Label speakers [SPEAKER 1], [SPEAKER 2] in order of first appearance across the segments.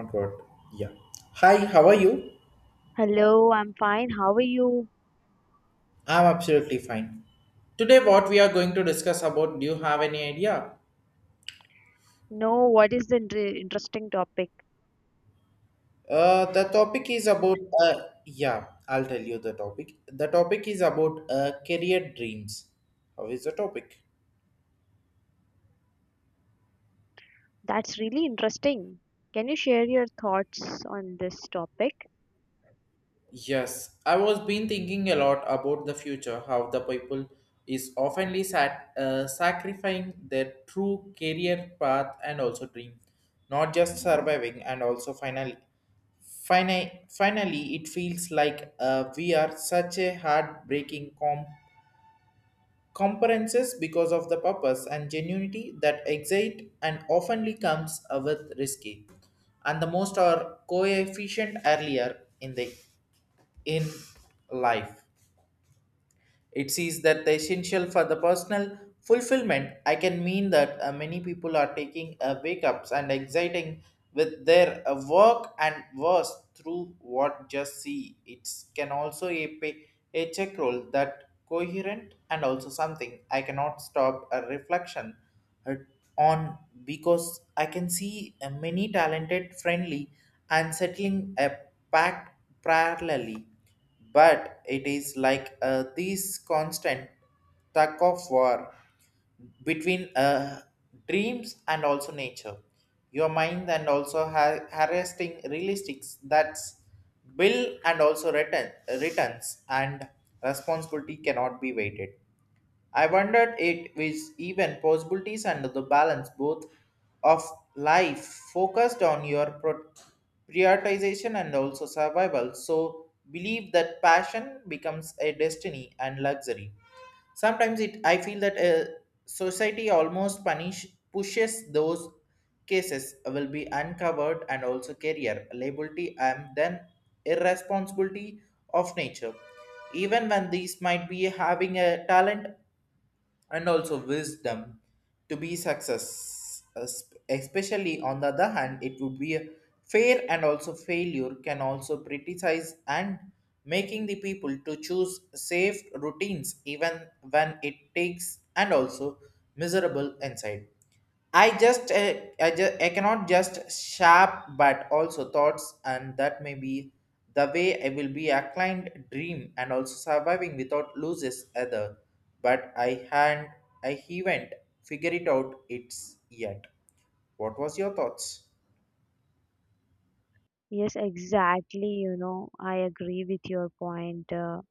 [SPEAKER 1] Concord. Yeah. Hi, how are you?
[SPEAKER 2] Hello, I'm fine. How are you?
[SPEAKER 1] I'm absolutely fine. Today, what we are going to discuss about, do you have any idea?
[SPEAKER 2] No, what is the interesting topic?
[SPEAKER 1] The topic is about yeah, I'll tell you the topic. The topic is about career dreams. How is the topic?
[SPEAKER 2] That's really interesting. Can you share your thoughts on this topic?
[SPEAKER 1] Yes, I was been thinking a lot about the future, how the people is oftenly sat, sacrificing their true career path and also dream, not just surviving and also finally it feels like we are such a heartbreaking comparisons because of the purpose and genuinity that exit and oftenly comes with risky, and the most are coefficient earlier in the in life. It sees that the essential for the personal fulfillment. I can mean that many people are taking wake ups and exciting with their work and worse through what just see. It can also a pay, a check role that coherent and also something I cannot stop a reflection uh, on because I can see many talented, friendly, and settling a pact parallelly, but it is like this constant tug of war between dreams and also nature, your mind and also harassing realistics that's bill and also returns and responsibility cannot be weighted. I wondered it with even possibilities under the balance both of life focused on your prioritization and also survival. So believe that passion becomes a destiny and luxury. Sometimes it I feel that society almost punish pushes those cases will be uncovered and also career liability and then irresponsibility of nature even when these might be having a talent and also wisdom to be success. Especially on the other hand, it would be a fair and also failure can also criticize and making the people to choose safe routines even when it takes and also miserable inside. I just uh, I cannot just sharp but also thoughts, and that may be the way I will be a client dream and also surviving without loses other, but I haven't figured it out it's yet. What was your thoughts?
[SPEAKER 2] Yes, exactly. You know, I agree with your point.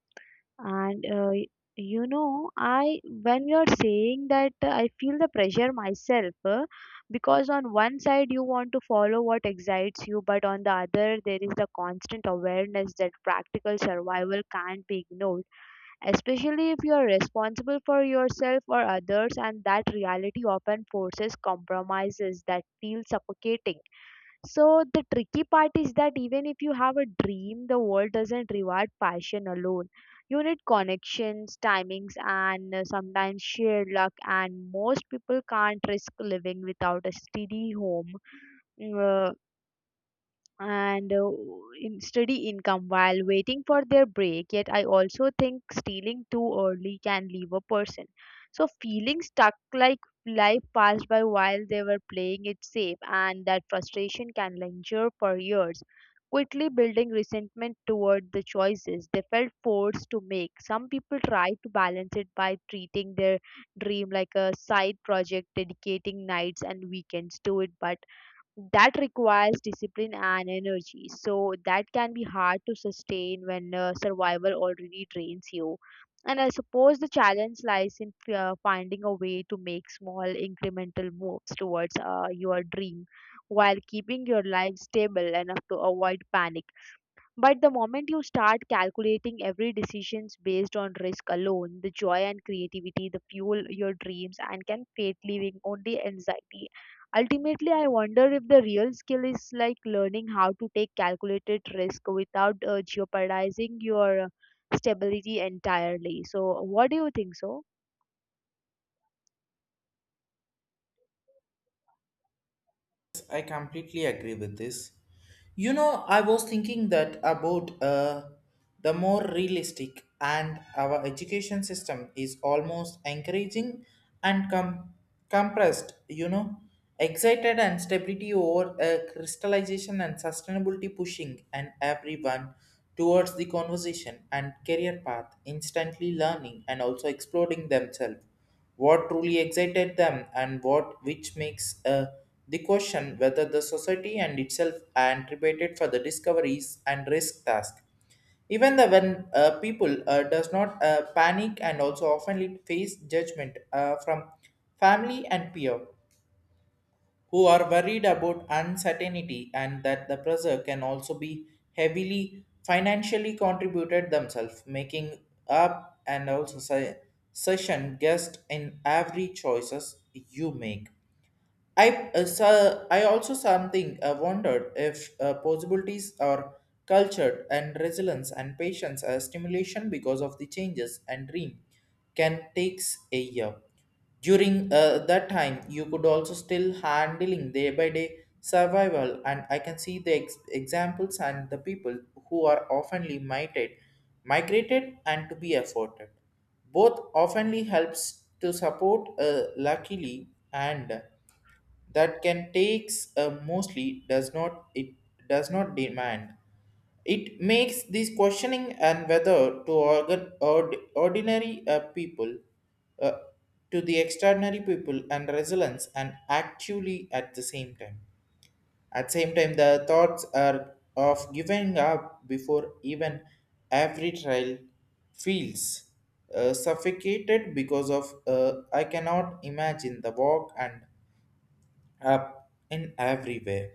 [SPEAKER 2] and uh, y- you know, I when you're saying that, I feel the pressure myself because on one side you want to follow what excites you, but on the other there is the constant awareness that practical survival can't be ignored, especially if you are responsible for yourself or others, and that reality often forces compromises that feel suffocating. So the tricky part is that even if you have a dream, the world doesn't reward passion alone. You need connections, timings, and sometimes shared luck, and most people can't risk living without a steady home uh, and in steady income while waiting for their break. Yet, I also think stealing too early can leave a person. So, feeling stuck like life passed by while they were playing it safe, and that frustration can linger for years, quickly building resentment toward the choices they felt forced to make. Some people try to balance it by treating their dream like a side project, dedicating nights and weekends to it, but that requires discipline and energy, so that can be hard to sustain when survival already drains you. And I suppose the challenge lies in finding a way to make small incremental moves towards your dream while keeping your life stable enough to avoid panic. But the moment you start calculating every decisions based on risk alone, the joy and creativity, the fuel your dreams and can fade, leaving only anxiety. Ultimately, I wonder if the real skill is like learning how to take calculated risk without jeopardizing your stability entirely. So, what do you think so?
[SPEAKER 1] I completely agree with this. You know, I was thinking that about the more realistic and our education system is almost encouraging and compressed, you know, excited and stability over crystallization and sustainability pushing and everyone towards the conversation and career path, instantly learning and also exploring themselves what truly excited them and what which makes the question whether the society and itself anticipated for the discoveries and risk task even the when people does not panic and also often face judgment from family and peer who are worried about uncertainty, and that the pressure can also be heavily financially contributed themselves, making up and also session guest in every choices you make. I so I also something wondered if possibilities are cultured and resilience and patience stimulation because of the changes and dream can takes a year. During that time, you could also still handling day by day survival, and I can see the examples and the people who are oftenly migrated and to be afforded. Both oftenly helps to support luckily, and that can takes mostly does not it does not demand it makes this questioning and whether to ordinary people uh, to the extraordinary people and resilience, and actually at same time the thoughts are of giving up before even every trial feels suffocated because of I cannot imagine the walk and up in every way,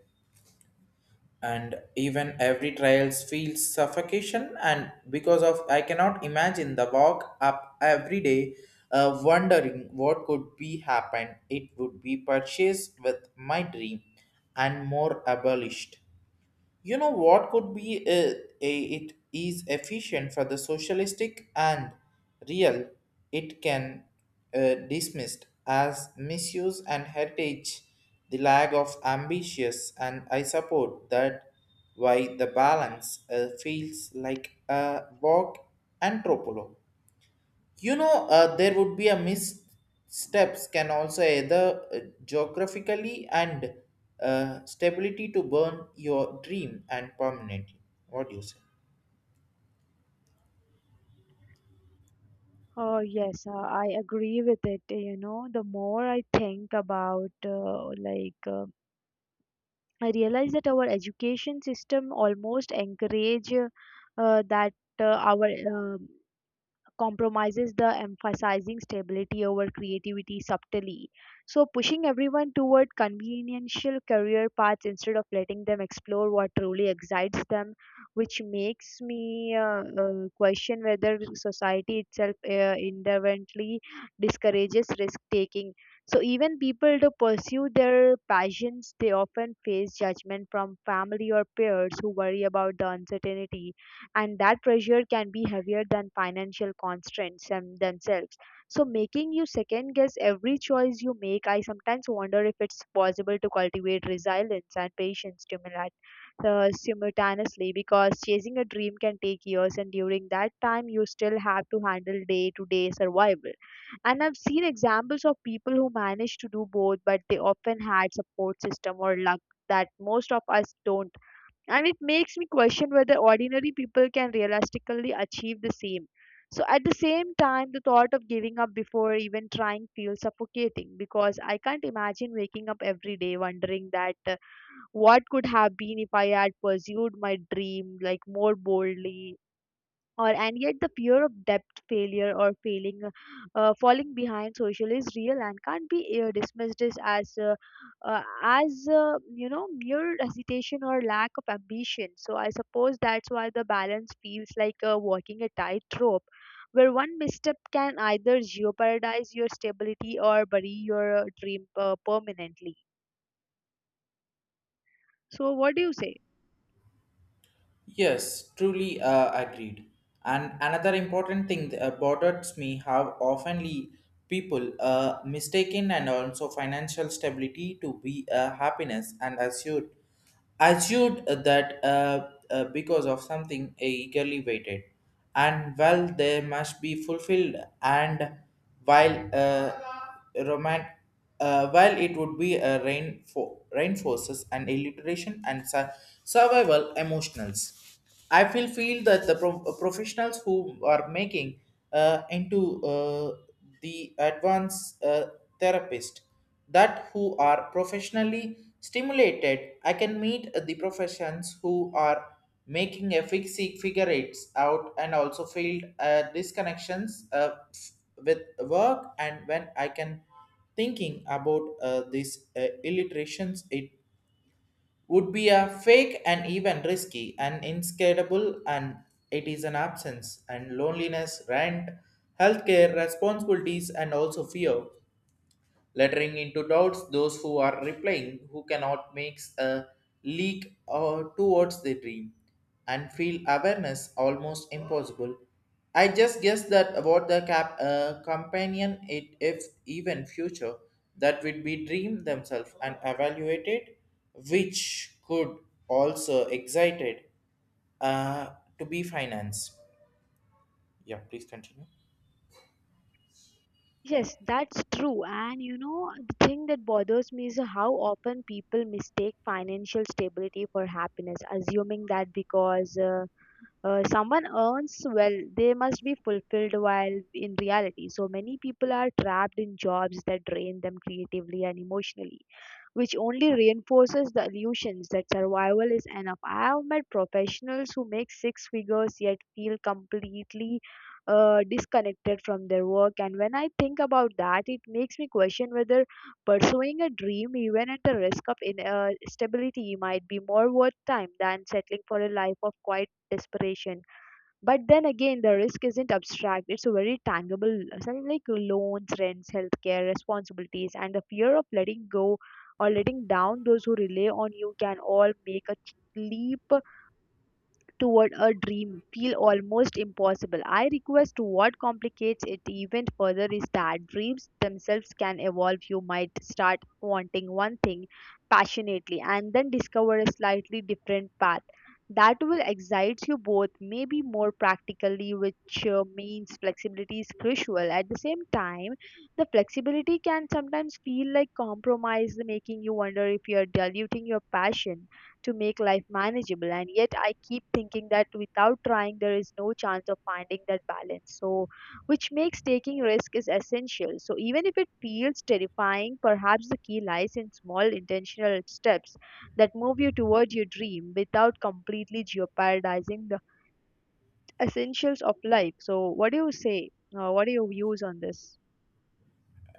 [SPEAKER 1] and even every trials feels suffocation and because of I cannot imagine the walk up every day, wondering what could be happen, it would be purchased with my dream and more abolished, you know what could be a, it is efficient for the socialistic and real. It can dismissed as misuse and heritage, the lack of ambitious, and I support that why the balance feels like a walk and tropolo, you know there would be a missteps can also either geographically and stability to burn your dream and permanently. What do you say?
[SPEAKER 2] Oh, yes, I agree with it. You know, the more I think about I realize that our education system almost encourage that our compromises the emphasizing stability over creativity subtly. So, pushing everyone toward conveniential career paths instead of letting them explore what truly excites them, which makes me question whether society itself inherently discourages risk taking. So, even people to pursue their passions, they often face judgment from family or peers who worry about the uncertainty, and that pressure can be heavier than financial constraints themselves, so making you second guess every choice you make. I sometimes wonder if it's possible to cultivate resilience and patience stimuli simultaneously, because chasing a dream can take years, and during that time you still have to handle day to day survival, and I've seen examples of people who managed to do both, but they often had support system or luck that most of us don't, and it makes me question whether ordinary people can realistically achieve the same. So, at the same time, the thought of giving up before even trying feels suffocating because I can't imagine waking up every day wondering that what could have been if I had pursued my dream like more boldly. Or and yet the fear of debt, failure or failing, falling behind social is real and can't be dismissed as you know, mere hesitation or lack of ambition. So I suppose that's why the balance feels like walking a tightrope where one misstep can either jeopardize your stability or bury your dream permanently. So what do you say?
[SPEAKER 1] Yes, truly agreed. And another important thing that bothers me, how oftenly people mistaken and also financial stability to be happiness and assured that because of something eagerly waited, and well they must be fulfilled, and while romantic, while it would be a rain for reinforces and illiteration and survival emotionals. I feel feel that the professionals who are making into the advanced therapist that who are professionally stimulated. I can meet the professions who are making a fix figure eights out and also feel disconnections with work, and when I can thinking about these illustrations, it would be a fake and even risky and inscrutable, and it is an absence and loneliness, rent, healthcare responsibilities, and also fear lettering into doubts those who are replying who cannot makes a leak towards the dream and feel awareness almost impossible. I just guess that about the cap companion, it if even future that would be dream themselves and evaluated, which could also excited uh, to be financed. Yeah, please continue.
[SPEAKER 2] Yes, that's true. And you know, the thing that bothers me is how often people mistake financial stability for happiness, assuming that because someone earns well, they must be fulfilled while in reality. So many people are trapped in jobs that drain them creatively and emotionally, which only reinforces the illusions that survival is enough. I have met professionals who make six figures yet feel completely disconnected from their work, and when I think about that, it makes me question whether pursuing a dream, even at the risk of stability, might be more worth time than settling for a life of quiet desperation. But then again, the risk isn't abstract, it's a very tangible, something like loans, rents, healthcare, responsibilities, and the fear of letting go or letting down those who rely on you can all make a leap toward a dream feel almost impossible. I request what complicates it even further is that dreams themselves can evolve. You might start wanting one thing passionately and then discover a slightly different path that will excite you both, maybe more practically, which means flexibility is crucial. At the same time, the flexibility can sometimes feel like compromise, making you wonder if you're diluting your passion to make life manageable. And yet, I keep thinking that without trying, there is no chance of finding that balance. So, which makes taking risk is essential. So, even if it feels terrifying, perhaps the key lies in small intentional steps that move you toward your dream without completely jeopardizing the essentials of life. So, what do you say? What are your views on this?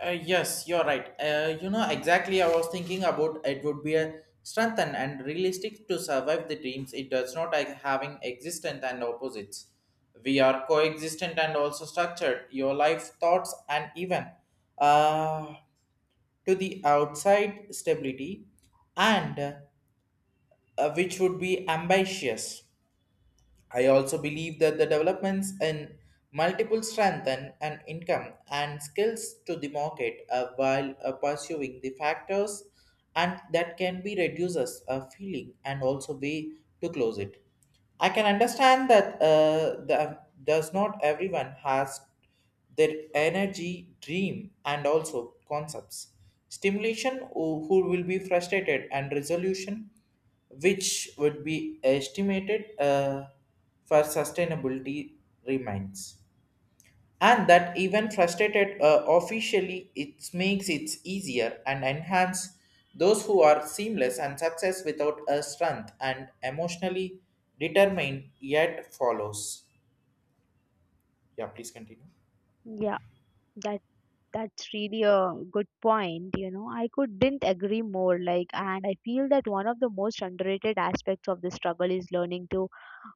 [SPEAKER 1] Yes, you're right. You know exactly. I was thinking about it would be a strengthen and realistic to survive the dreams. It does not like having existent and opposites. We are coexistent and also structured. Your life thoughts and even uh, to the outside stability, and which would be ambitious. I also believe that the developments in multiple strengthen and income and skills to the market while pursuing the factors, and that can be reduces a feeling and also way to close it. I can understand that the, does not everyone has their energy, dream, and also concepts. Stimulation, who will be frustrated, and resolution, which would be estimated for sustainability remains. And that even frustrated officially, it makes it easier and enhance those who are seamless and success without a strength and emotionally determined yet follows. Yeah, please continue.
[SPEAKER 2] Yeah, that. That's really a good point. You know, I could didn't agree more. Like, and I feel that one of the most underrated aspects of the struggle is learning to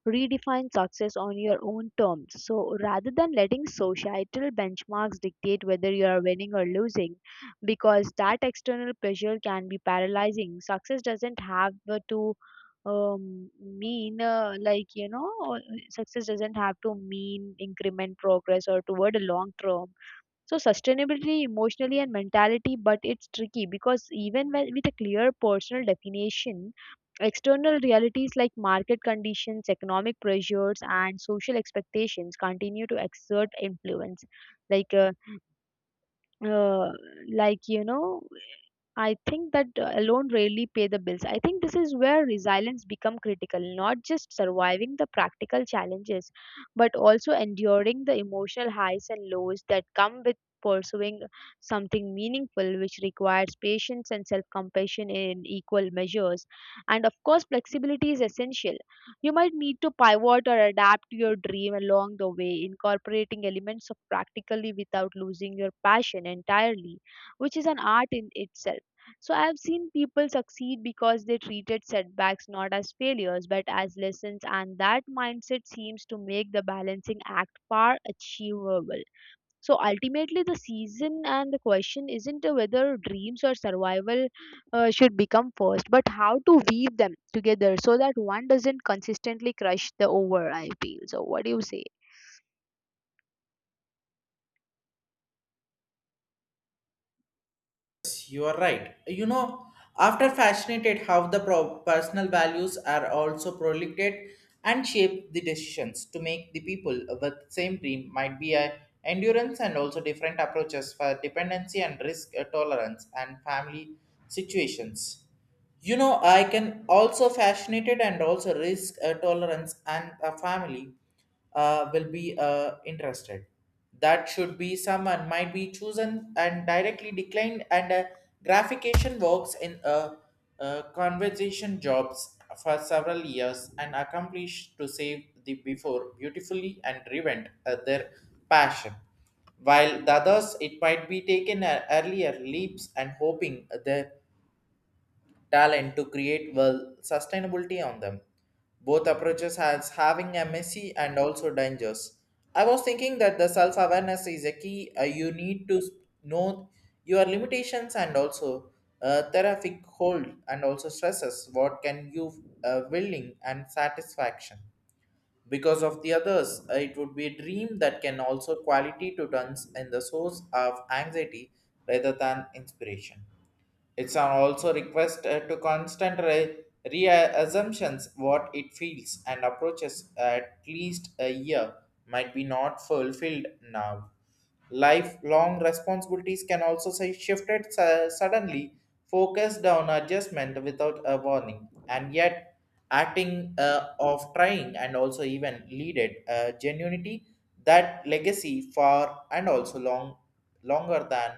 [SPEAKER 2] redefine success on your own terms. So rather than letting societal benchmarks dictate whether you are winning or losing, because that external pressure can be paralyzing, success doesn't have the to mean like you know success doesn't have to mean increment progress or toward a long term, so sustainability emotionally and mentality. But it's tricky because even when, with a clear personal definition, external realities like market conditions, economic pressures, and social expectations continue to exert influence. Like, uh, uh, like you know, I think that alone rarely pay the bills. I think this is where resilience become critical, not just surviving the practical challenges, but also enduring the emotional highs and lows that come with pursuing something meaningful, which requires patience and self-compassion in equal measures. And of course flexibility is essential. You might need to pivot or adapt to your dream along the way, incorporating elements of practically without losing your passion entirely, which is an art in itself. So I've seen people succeed because they treated setbacks not as failures but as lessons, and that mindset seems to make the balancing act far achievable. So ultimately, the season and the question isn't whether dreams or survival should become first, but how to weave them together so that one doesn't consistently crush the over. I feel so. What do you say?
[SPEAKER 1] Yes, you are right. You know, after fascinated how the personal values are also proliferate and shape the decisions to make the people with same dream might be a endurance and also different approaches for dependency and risk tolerance and family situations. You know, I can also fascinated and also risk tolerance and a family will be interested that should be someone might be chosen and directly declined and gratification works in a, conversation jobs for several years and accomplished to save the before beautifully and driven their passion, while the others it might be taken earlier leaps and hoping the talent to create well sustainability on them. Both approaches has having a messy and also dangers. I was thinking that the self awareness is a key. You need to know your limitations and also therapeutic hold and also stresses. What can you willing and satisfaction because of the others it would be a dream that can also quality to turns in the source of anxiety rather than inspiration. It's are also requested to constant reassumptions what it feels and approaches at least a year might be not fulfilled now. Lifelong responsibilities can also say shifted suddenly, focused on adjustment without a warning, and yet acting of trying and also even leaded genuinity that legacy far and also longer than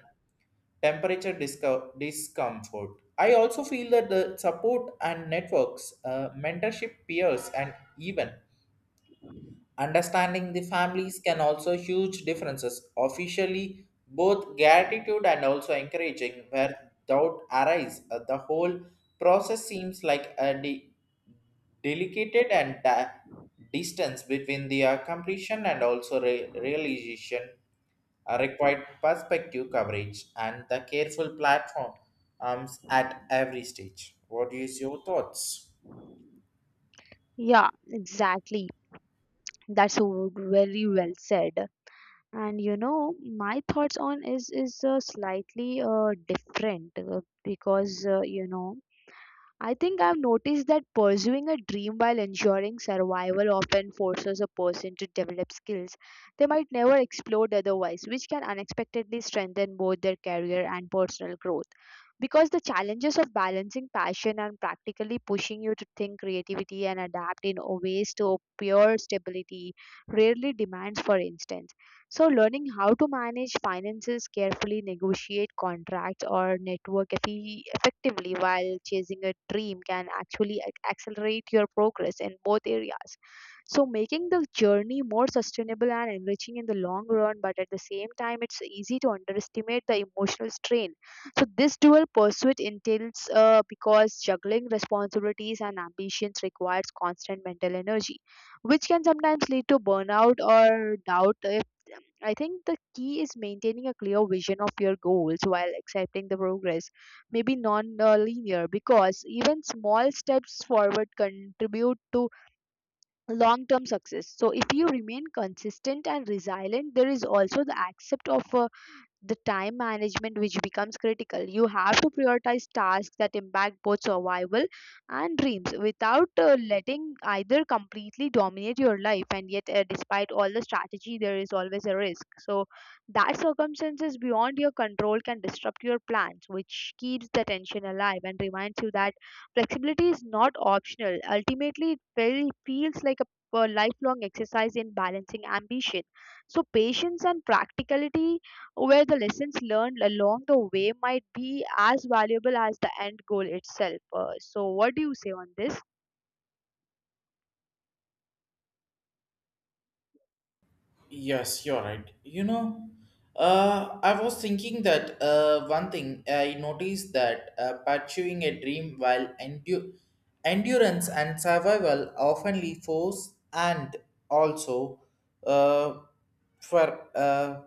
[SPEAKER 1] temperature discomfort. I also feel that the support and networks, mentorship, peers, and even understanding the families can also huge differences. Officially, both gratitude and also encouraging where doubt arise, the whole process seems like a delicate and distance between the completion and also realization required perspective coverage and the careful platforms at every stage. What is your thoughts?
[SPEAKER 2] Yeah, exactly. That's very well said. And you know, my thoughts on is slightly different because you know, I think I've noticed that pursuing a dream while ensuring survival often forces a person to develop skills they might never explore otherwise, which can unexpectedly strengthen both their career and personal growth. Because the challenges of balancing passion and practically pushing you to think creativity and adapt in ways to pure stability rarely demands, for instance. So, learning how to manage finances carefully, negotiate contracts, or network effectively while chasing a dream can actually accelerate your progress in both areas. So, making the journey more sustainable and enriching in the long run. But at the same time, it's easy to underestimate the emotional strain. So, this dual pursuit entails because juggling responsibilities and ambitions requires constant mental energy, which can sometimes lead to burnout or doubt. If I think the key is maintaining a clear vision of your goals while accepting the progress, maybe non-linear, because even small steps forward contribute to long-term success. So, if you remain consistent and resilient, there is also the accept of a the time management which becomes critical. You have to prioritize tasks that impact both survival and dreams without letting either completely dominate your life. And yet despite all the strategy, there is always a risk, so that circumstances beyond your control can disrupt your plans, which keeps the tension alive and reminds you that flexibility is not optional. Ultimately, it very feels like a lifelong exercise in balancing ambition, so patience and practicality, where the lessons learned along the way might be as valuable as the end goal itself. So, what do you say on this?
[SPEAKER 1] Yes, you're right. You know, I was thinking that one thing I noticed that pursuing a dream while endurance and survival often leave force and also uh, for uh,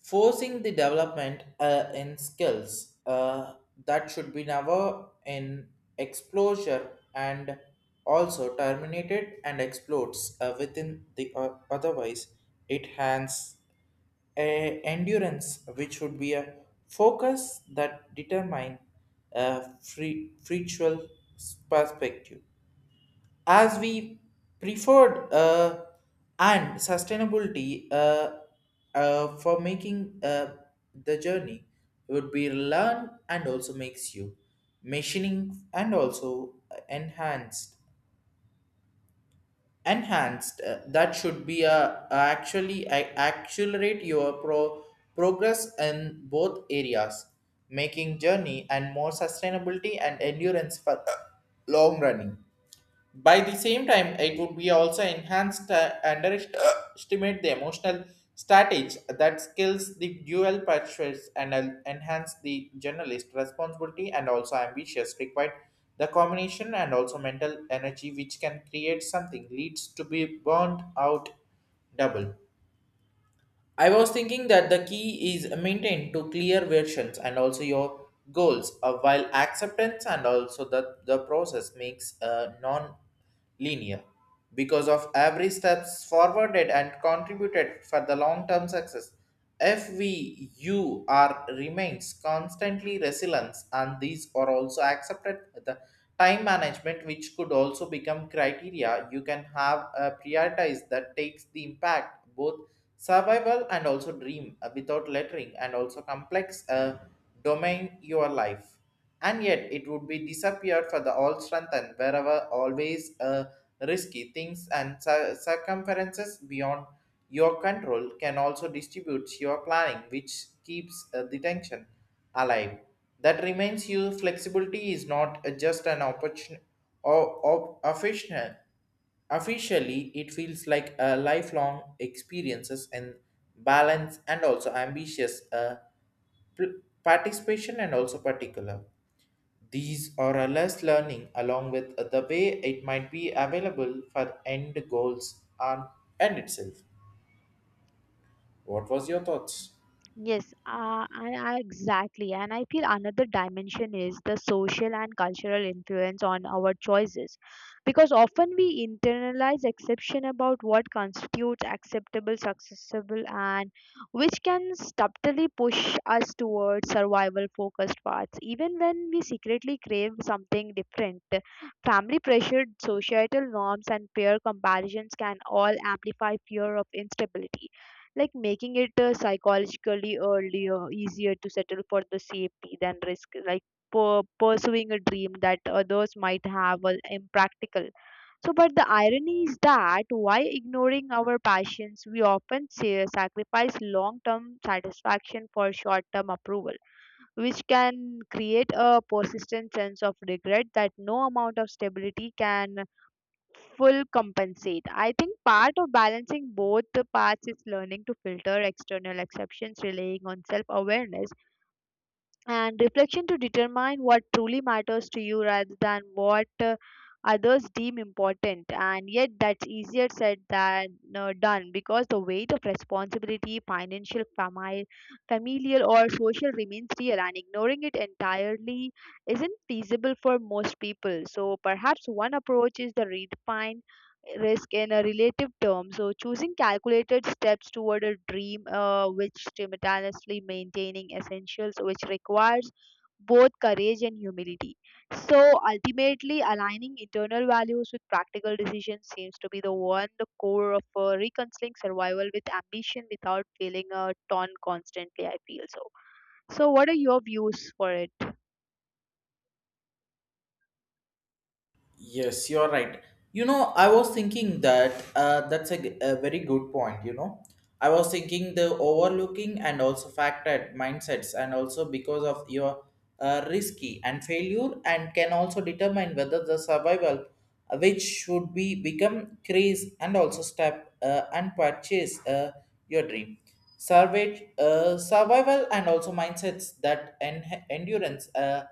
[SPEAKER 1] forcing the development in skills that should be never in exposure and also terminated and explodes within the otherwise it has a endurance which would be a focus that determine a free perspective as we preferred and sustainability for making the journey would be learn and also makes you machining and also enhanced enhanced that should be actually accelerate your progress in both areas making journey and more sustainability and endurance for long running by the same time, it would be also enhanced underestimate the emotional strategy that skills the dual pursuits and enhance the journalist responsibility and also ambitious required the combination and also mental energy which can create something leads to be burned out double. I was thinking that the key is maintained to clear versions and also your goals, while acceptance and also the process makes non-linear because of every steps forwarded and contributed for the long-term success. If we you remains constantly resilience and these are also accepted the time management which could also become criteria you can have a prioritize that takes the impact both survival and also dream without lettering and also complex domain your life and yet it would be disappeared for the all strengthened wherever always risky things and circumferences beyond your control can also distribute your planning which keeps the tension alive that remains you flexibility is not just an opportunity or official officially it feels like a lifelong experiences and balance and also ambitious participation and also particular these are a less learning along with the way it might be available for end goals and end itself. What was your thoughts?
[SPEAKER 2] Yes, exactly. And I feel another dimension is the social and cultural influence on our choices. Because often we internalize exception about what constitutes acceptable, successful, and which can subtly push us towards survival focused paths. Even when we secretly crave something different, family pressure, societal norms, and peer comparisons can all amplify fear of instability, like making it psychologically earlier easier to settle for the safety than risk like pursuing a dream that others might have are impractical. So but the irony is that while ignoring our passions, we often say, sacrifice long term satisfaction for short term approval, which can create a persistent sense of regret that no amount of stability can full compensate. I think part of balancing both the parts is learning to filter external exceptions, relying on self awareness and reflection to determine what truly matters to you rather than what others deem important. And yet, that's easier said than done because the weight of responsibility, financial, familial, or social remains real, and ignoring it entirely isn't feasible for most people. So, perhaps one approach is the redefine risk in a relative term. So, choosing calculated steps toward a dream which simultaneously maintaining essentials, which requires both courage and humility. So, ultimately, aligning internal values with practical decisions seems to be the one, the core of reconciling survival with ambition without feeling a torn constantly. I feel so. So, what are your views for it?
[SPEAKER 1] Yes, you're right. You know, I was thinking that that's a, a very good point. You know, I was thinking the overlooking and also factored mindsets, and also because of your risky and failure, and can also determine whether the survival, which should be become craze and also step and purchase your dream. Survey, survival and also mindsets that endurance.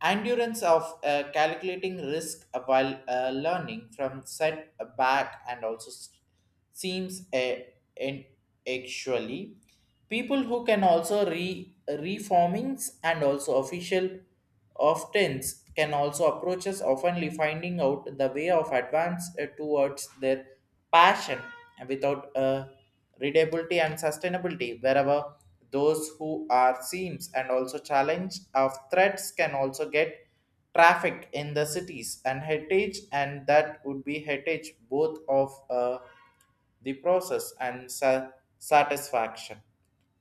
[SPEAKER 1] Endurance of calculating risk while learning from setback and also seems a, an actually people who can also re reformings and also official oftens can also approach us oftenly finding out the way of advance towards their passion without readability and sustainability wherever those who are seams and also challenge of threats can also get traffic in the cities and heritage and that would be heritage both of the process and satisfaction.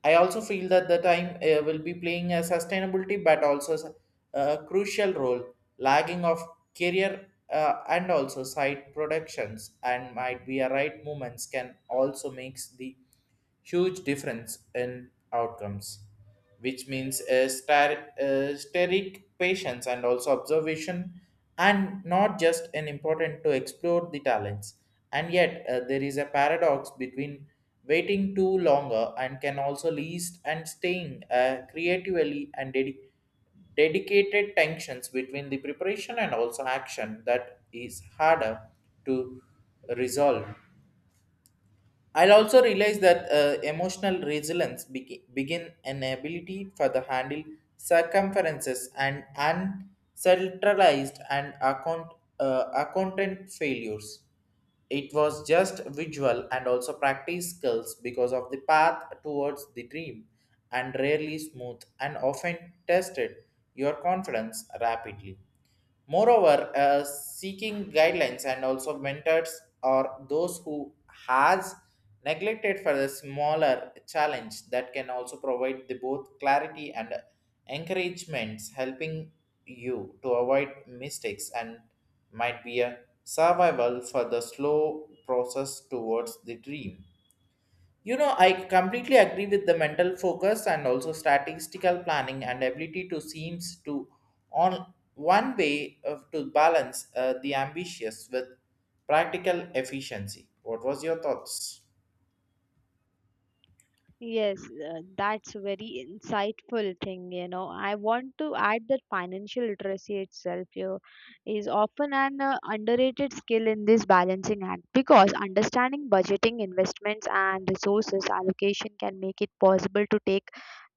[SPEAKER 1] I also feel that the time will be playing a sustainability but also a crucial role, lagging of career and also side productions and might be a right movements can also makes the huge difference in outcomes, which means a star, steric patience and also observation, and not just an important to explore the talents. And yet, there is a paradox between waiting too longer and can also least and staying creatively and dedicated tensions between the preparation and also action that is harder to resolve. I'll also realize that emotional resilience begin an ability for the handle circumferences and uncentralized and account accountant failures. It was just visual and also practice skills because of the path towards the dream and rarely smooth and often tested your confidence rapidly. Moreover, seeking guidelines and also mentors or those who has neglected for the smaller challenge that can also provide the both clarity and encouragements helping you to avoid mistakes and might be a survival for the slow process towards the dream. You know, I completely agree with the mental focus and also statistical planning and ability to seems to on one way of to balance the ambitious with practical efficiency. What was your thoughts?
[SPEAKER 2] Yes, that's very insightful thing, you know. I want to add that financial literacy itself you is often an underrated skill in this balancing act because understanding budgeting, investments, and resources allocation can make it possible to take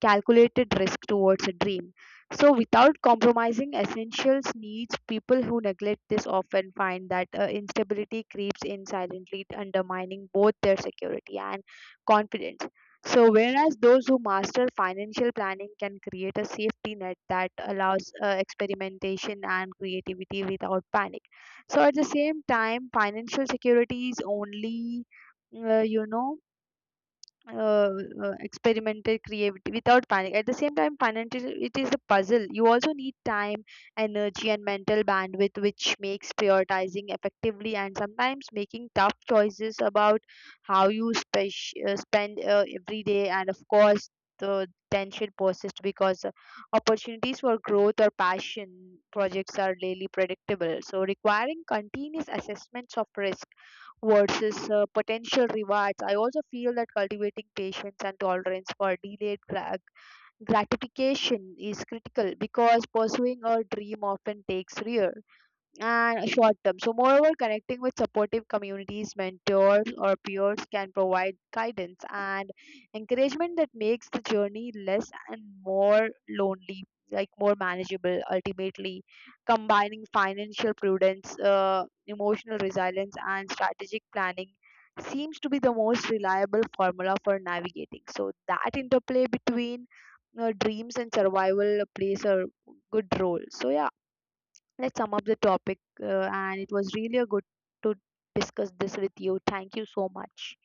[SPEAKER 2] calculated risk towards a dream. So, without compromising essentials needs, people who neglect this often find that instability creeps in silently, undermining both their security and confidence. So, whereas those who master financial planning can create a safety net that allows experimentation and creativity without panic. So, at the same time, financial security is uh, you know, uh, experimental creativity without panic. At the same time, financial it is a puzzle. You also need time, energy and mental bandwidth, which makes prioritizing effectively and sometimes making tough choices about how you spend every day. And of course the tension persists because opportunities for growth or passion projects are rarely predictable, so requiring continuous assessments of risk versus potential rewards. I also feel that cultivating patience and tolerance for delayed gratification is critical because pursuing a dream often takes years and short term. So, moreover, connecting with supportive communities, mentors, or peers can provide guidance and encouragement that makes the journey less and more lonely, like more manageable ultimately. Combining financial prudence, emotional resilience, and strategic planning seems to be the most reliable formula for navigating. So, that interplay between dreams and survival plays a good role. So, yeah, let's sum up the topic, and it was really a good to discuss this with you. Thank you so much.